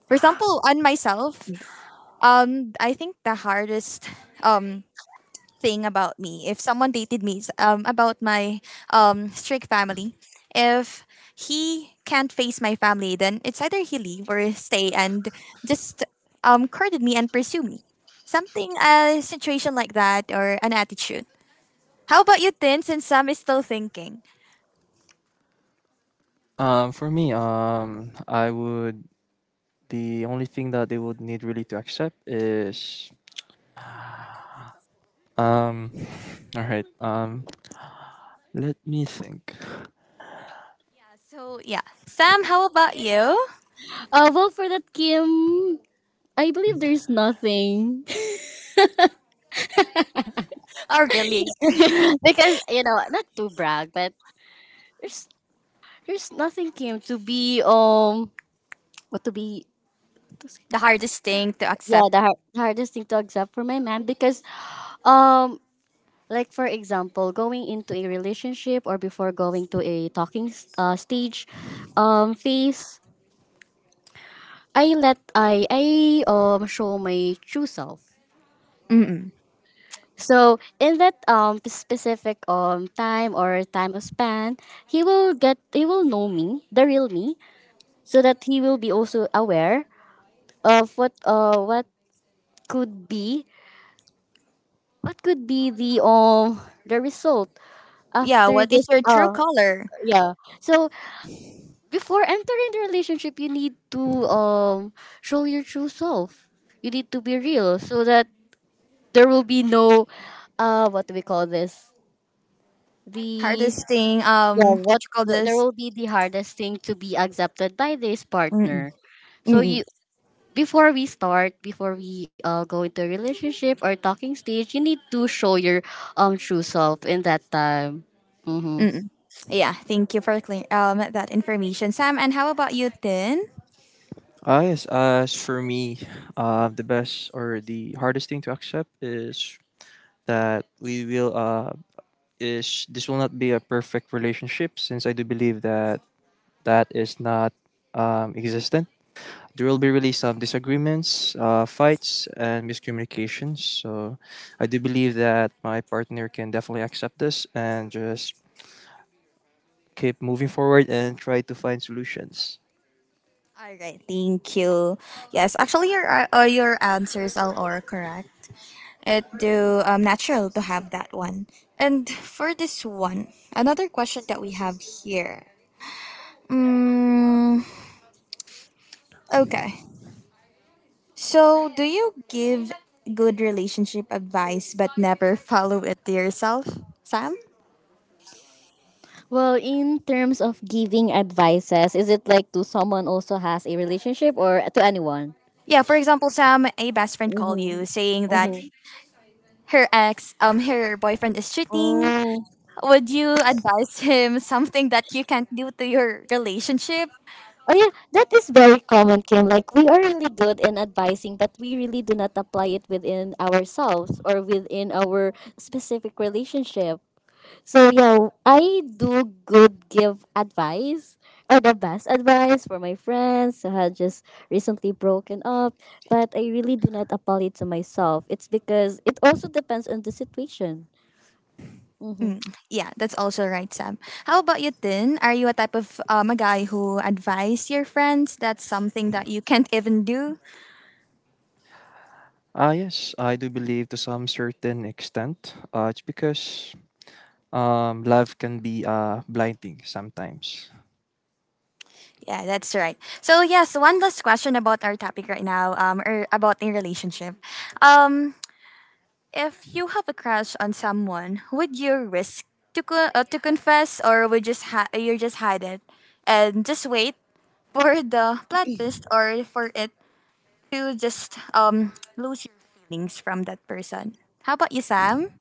For example, on myself, Um, I think the hardest um thing about me, if someone dated me, is um about my um strict family. If he can't face my family, then it's either he leave or stay and just um courted me and pursue me. Something a situation like that or an attitude. How about you, Tin? Since Sam is still thinking.
Um, for me, um, I would the only thing that they would need really to accept is um, all right. Um, let me think.
Yeah. So yeah, Sam, how about you?
Uh, well, for that, Kim, I believe there's nothing
Oh, really?
because you know, not to brag, but there's there's nothing, Kim, to be um, what to be? To say-
The hardest thing to
yeah,
accept.
the, har- the hardest thing to accept for my man because um, like for example, going into a relationship or before going to a talking s- uh, stage, um, phase, I let I I um show my true self.
Mm-mm.
So in that um specific um time or time of span, he will get he will know me, the real me, so that he will be also aware of what uh what could be, what could be the um the result
Yeah.
after
What is
this
your true
uh
color?
yeah. So before entering the relationship you need to um show your true self. You need to be real so that there will be no uh what do we call this? The.
Hardest thing,
Yeah,
um what
what
you call
th- there
this.
will be the hardest thing to be accepted by this
Mm-mm,
partner, so
mm-mm,
you before we start, before we uh, go into a relationship or talking stage you need to show your um true self in that time. Mm-hmm.
mm-mm. Yeah, thank you for clear, um that information Sam, and how about you Tin?
Ah, yes, as for me, uh, the best or the hardest thing to accept is that we will uh is this will not be a perfect relationship since I do believe that that is not um existent. There will be really some disagreements, uh, fights, and miscommunications. So I do believe that my partner can definitely accept this and just keep moving forward and try to find solutions.
All right, thank you. Yes, actually, your uh, uh, your answers all are correct. It do um natural to have that one. And for this one, another question that we have here. Mm, okay, so do you give good relationship advice but never follow it to yourself, Sam?
Well, in terms of giving advices, is it like to someone also has a relationship or to anyone?
Yeah, for example, Sam, a best friend called you
Mm-hmm.
saying that her ex, um, her boyfriend is cheating.
Mm-hmm.
Would you advise him something that you can't do to your relationship?
Oh yeah, that is very common, Kim. Like we are really good in advising, but we really do not apply it within ourselves or within our specific relationship. So yeah, I do good give advice or the best advice for my friends who had just recently broken up, but I really do not apply it to myself. It's because it also depends on the situation. Mm-hmm.
Mm, yeah, that's also right, Sam. How about you, Tin? Are you a type of um, a guy who advise your friends that's something that you can't even do?
Ah, yes, I do believe to some certain extent. Uh, it's because um, love can be uh, blinding sometimes.
Yeah, that's right. So yes, one last question about our topic right now, um, or about a relationship. Um, If you have a crush on someone, would you risk to co- uh, to confess, or would just ha- you just hide it and just wait for the plot twist, or for it to just um lose your feelings from that person? How about you, Sam?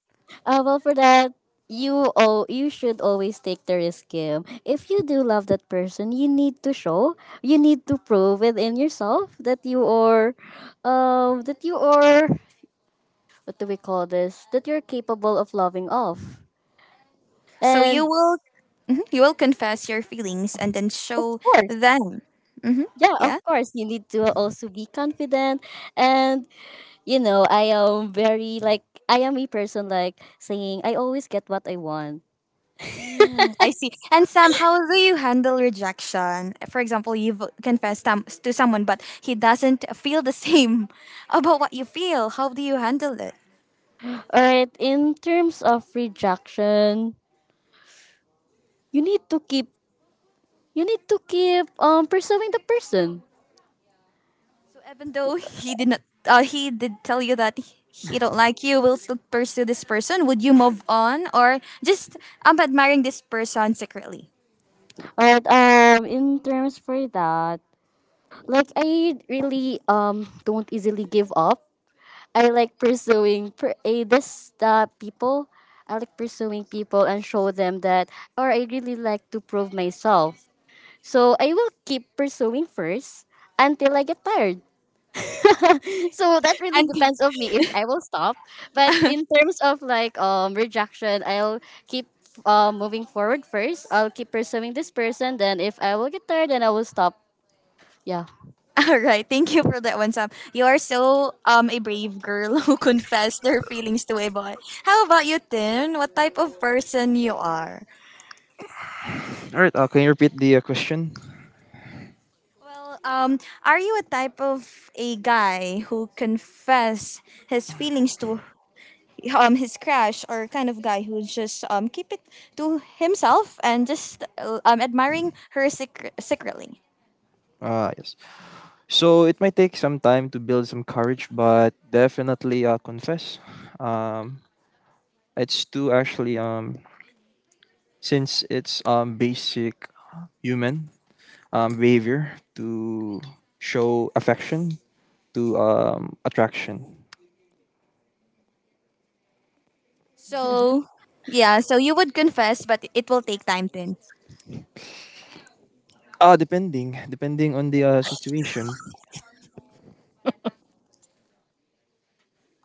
Uh, well, for that, you oh, you should always take the risk game. If you do love that person, you need to show, you need to prove within yourself that you are, um, that you are what do we call this? That you're capable of loving off.
So you
And
will Mhm, you will confess your feelings and then
of
show
course,
them. Mm-hmm.
yeah,
Yeah.
of course, you need to also be confident. And you know, I am very like I am a person like saying I always get what I want.
Mm, I see. And Sam, how do you handle rejection? For example, you've confessed tam- to someone, but he doesn't feel the same about what you feel. How do you handle it?
All right, in terms of rejection, you need to keep you need to keep um pursuing the person.
So even though he did not, uh, he did tell you that he he don't like you, will still pursue this person. Would you move on, or just I'm admiring this person secretly?
Alright, um in terms for that, like I really um don't easily give up. I like pursuing per a this uh, people. I like pursuing people and show them that or I really like to prove myself. So I will keep pursuing first until I get tired. So that really
And
depends on me if I will stop. But in terms of like um rejection, I'll keep uh, moving forward first. I'll keep pursuing this person. Then if I will get tired, then I will stop. Yeah.
All right, thank you for that one, Sam. You are so um a brave girl who confessed their feelings to a boy. How about you, Tin? What type of person you are?
All right, uh, can you repeat the uh, question?
Well, um, are you a type of a guy who confess his feelings to um his crush, or kind of guy who just um keep it to himself and just uh, um admiring her secre- secretly?
Ah, yes. So it might take some time to build some courage, but definitely uh, confess. Um, It's to actually. Um, since it's um basic human um behavior to show affection to um attraction.
So yeah, so you would confess, but it will take time, Tin.
Ah, depending depending on the uh, situation.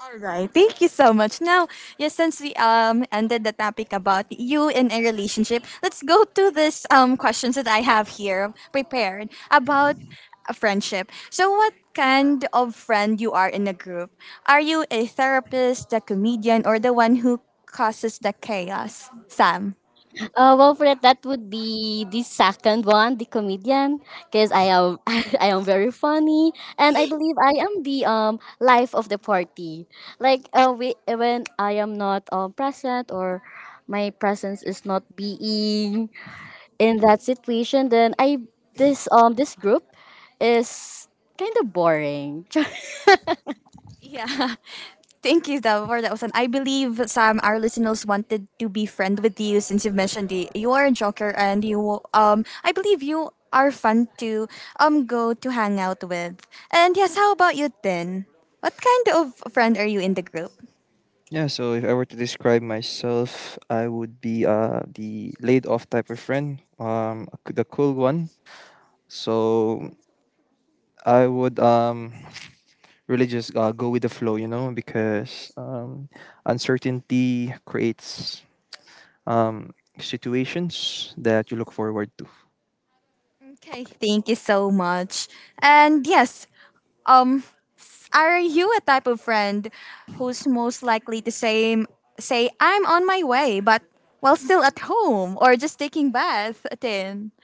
All right. Thank you so much. Now, yes, since we um ended the topic about you in a relationship, let's go to this um questions that I have here prepared about a friendship. So, what kind of friend you are in a group? Are you a therapist, a comedian, or the one who causes the chaos? Sam.
Uh, well, for that, that would be the second one, the comedian, because I am I am very funny, and I believe I am the um life of the party. Like uh, we, when I am not um present or my presence is not being in that situation, then I this um this group is kind of boring.
Yeah. Thank you, Davo, for that was an I believe Sam, our listeners wanted to be friend with you since you've mentioned the, you are a joker and you um I believe you are fun to um go to hang out with. And yes, how about you then? What kind of friend are you in the group?
Yeah, so if I were to describe myself, I would be uh the laid off type of friend, um c- the cool one. So I would um really just uh, go with the flow, you know, because um uncertainty creates um, situations that you look forward to?
Okay, thank you so much. And yes, Um, s- are you a type of friend who's most likely to say say I'm on my way, but while still at home or just taking bath at ten?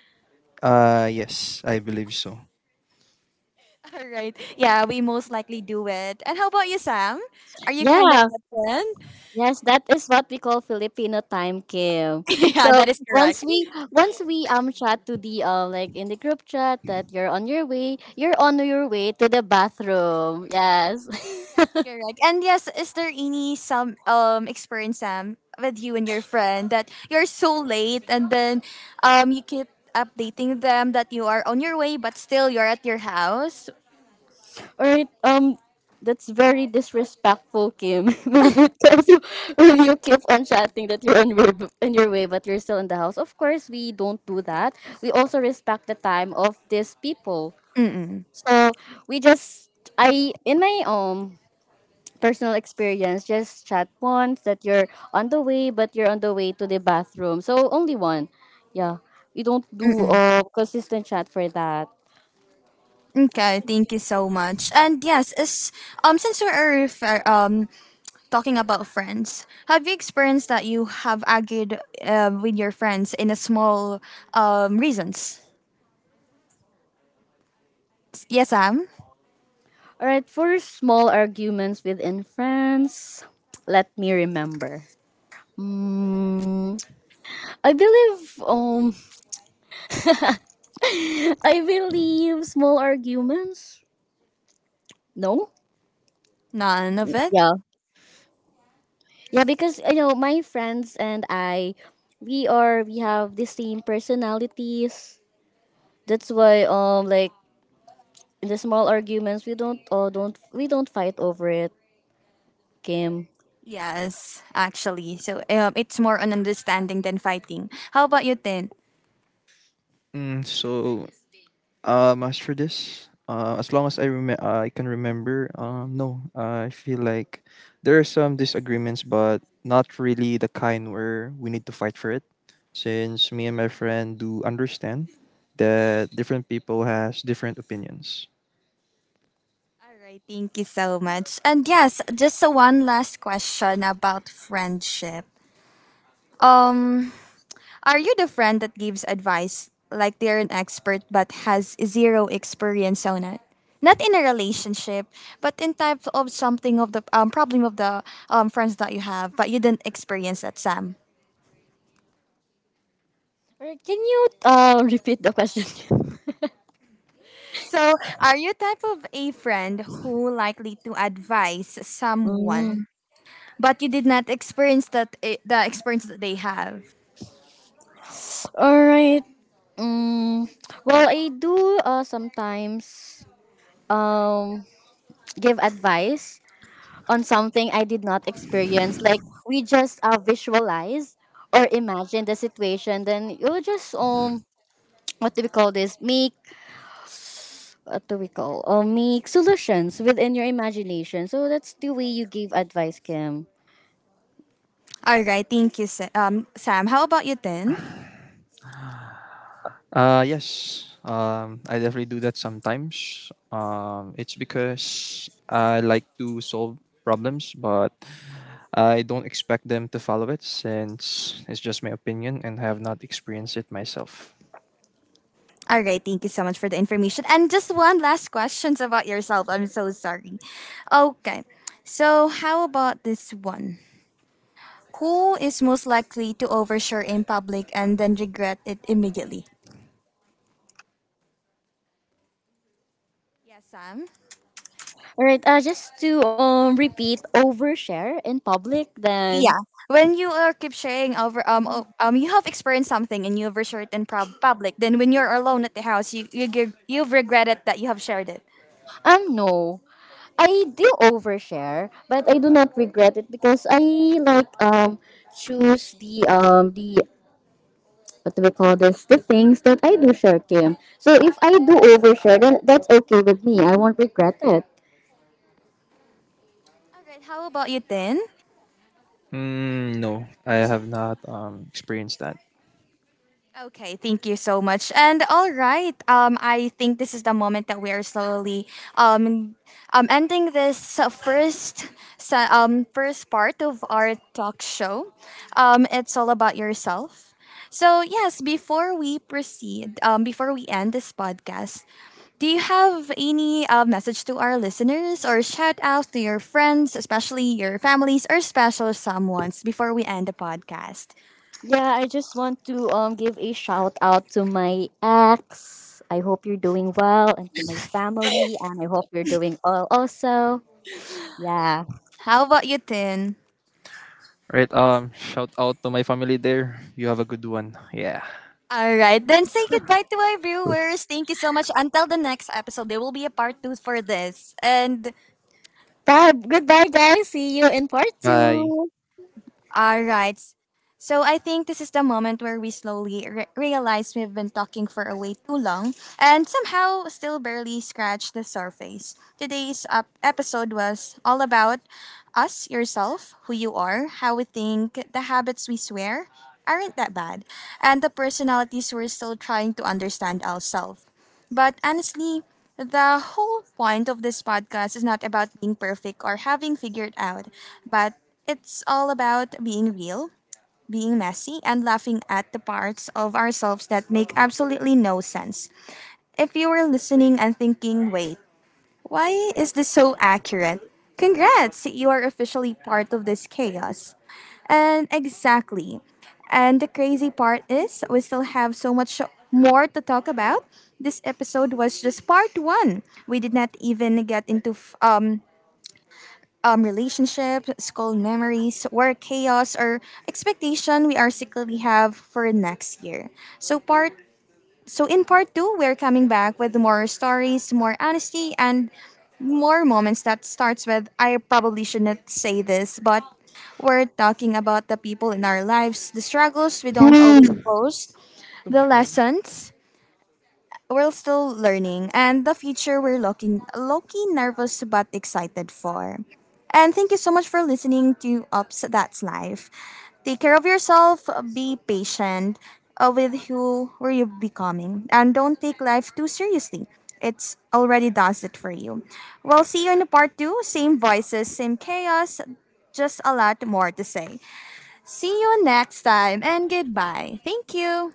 Uh, yes, I believe so.
All right. Yeah, we most likely do it. And how about you, Sam? Are you kind of
Yeah.
that friend?
Yes, that is what we call Filipino time, Kim. So
Yeah, that is
once
correct.
we once we um chat to the um like in the group chat that you're on your way, you're on your way to the bathroom. Yes.
That's correct. And yes, is there any some um experience, Sam, with you and your friend that you're so late and then um you keep updating them that you are on your way but still you're at your house?
Alright, um, that's very disrespectful, Kim. When it comes to when you keep on chatting that you're on your on your way, but you're still in the house. Of course, we don't do that. We also respect the time of these people.
Mm-mm,
So we just I in my um personal experience just chat once that you're on the way, but you're on the way to the bathroom. So only one, yeah. We don't do
mm-mm.
uh, consistent chat for that.
Okay, thank you so much. And yes, as um since we are refer- um talking about friends, have you experienced that you have argued uh, with your friends in a small um reasons? Yes, Sam.
All right, for small arguments within friends, let me remember. Mm, I believe um I believe small arguments. No?
None of it.
Yeah. Yeah, because you know, my friends and I we are we have the same personalities. That's why um like the small arguments we don't uh, don't we don't fight over it, Kim.
Yes, actually. So um, it's more on understanding than fighting. How about you, Tin?
Mm, so, um, as for this, uh, as long as I rem- I can remember, um, no, I feel like there are some disagreements, but not really the kind where we need to fight for it, since me and my friend do understand that different people has different opinions.
All right, thank you so much. And yes, just a one last question about friendship. Um, Are you the friend that gives advice like they're an expert but has zero experience on it? Not in a relationship, but in type of something of the um, problem of the um, friends that you have, but you didn't experience that, Sam.
All right, can you uh repeat the question?
So, are you type of a friend who likely to advise
Mm.
someone, but you did not experience that eh, the experience that they have?
All right. Mm, well, I do uh, sometimes um, give advice on something I did not experience. Like we just uh, visualize or imagine the situation, then you just um what do we call this? Make what do we call? Uh, make solutions within your imagination. So that's the way you give advice, Kim.
All right, thank you, Sa- um, Sam. How about you, then?
Uh, yes. Um, I definitely do that sometimes. Um, it's because I like to solve problems, but I don't expect them to follow it since it's just my opinion and I have not experienced it myself.
All right, thank you so much for the information. And just one last questions about yourself. I'm so sorry. Okay. So, how about this one? Who is most likely to overshare in public and then regret it immediately? Yes, Sam.
All right. Uh, just to um repeat, overshare in public,
Yeah.
then
When you are keep sharing over um o- um you have experienced something and you overshare it in prob- public, then when you're alone at the house, you you gi- you've regretted that you have shared it.
um no. I do overshare, but I do not regret it because I like um choose the um the what do we call this, the things that I do share, Kim. So if I do overshare, then that's okay with me. I won't regret it.
All right. How about you, Tin?
Mm, no, I have not um, experienced that.
Okay, thank you so much. And all right, um, I think this is the moment that we are slowly um, um, ending this uh, first se- um, first part of our talk show. Um, it's all about yourself. So yes, before we proceed, um, before we end this podcast, do you have any uh, message to our listeners or shout out to your friends, especially your families or special someones, before we end the podcast?
Yeah, I just want to um give a shout out to my ex. I hope you're doing well, and to my family, and I hope you're doing well also. Yeah.
How about you, Tin?
Right. Um, shout out to my family there. You have a good one. Yeah.
All right, then say goodbye to our viewers. Thank you so much. Until the next episode, there will be a part two for this. And
Bye. Goodbye, guys. See you in part
Bye.
two.
all right, so I think this is the moment where we slowly re- realize we've been talking for a way too long and somehow still barely scratched the surface. Today's uh, episode was all about us, yourself, who you are, how we think, the habits we swear aren't that bad, and the personalities we're still trying to understand ourselves. But honestly, the whole point of this podcast is not about being perfect or having figured out, but it's all about being real, being messy, and laughing at the parts of ourselves that make absolutely no sense. If you were listening and thinking, wait, why is this so accurate? Congrats! You are officially part of this chaos. And exactly. And the crazy part is, we still have so much more to talk about. This episode was just part one. We did not even get into f- um, um, relationships, school memories, work chaos, or expectation we are secretly have for next year. So part so, in part two, we're coming back with more stories, more honesty, and more moments that starts with I probably shouldn't say this, but we're talking about the people in our lives, the struggles we don't always post,
Oh,
the
no.
lessons we're still learning, and the future we're looking, lucky, nervous, but excited for. And thank you so much for listening to Ups That's Life. Take care of yourself, be patient uh, with who were you becoming, and don't take life too seriously. It's already does it for you. We'll see you in the part two. Same voices, same chaos, just a lot more to say. See you next time, and goodbye. Thank you.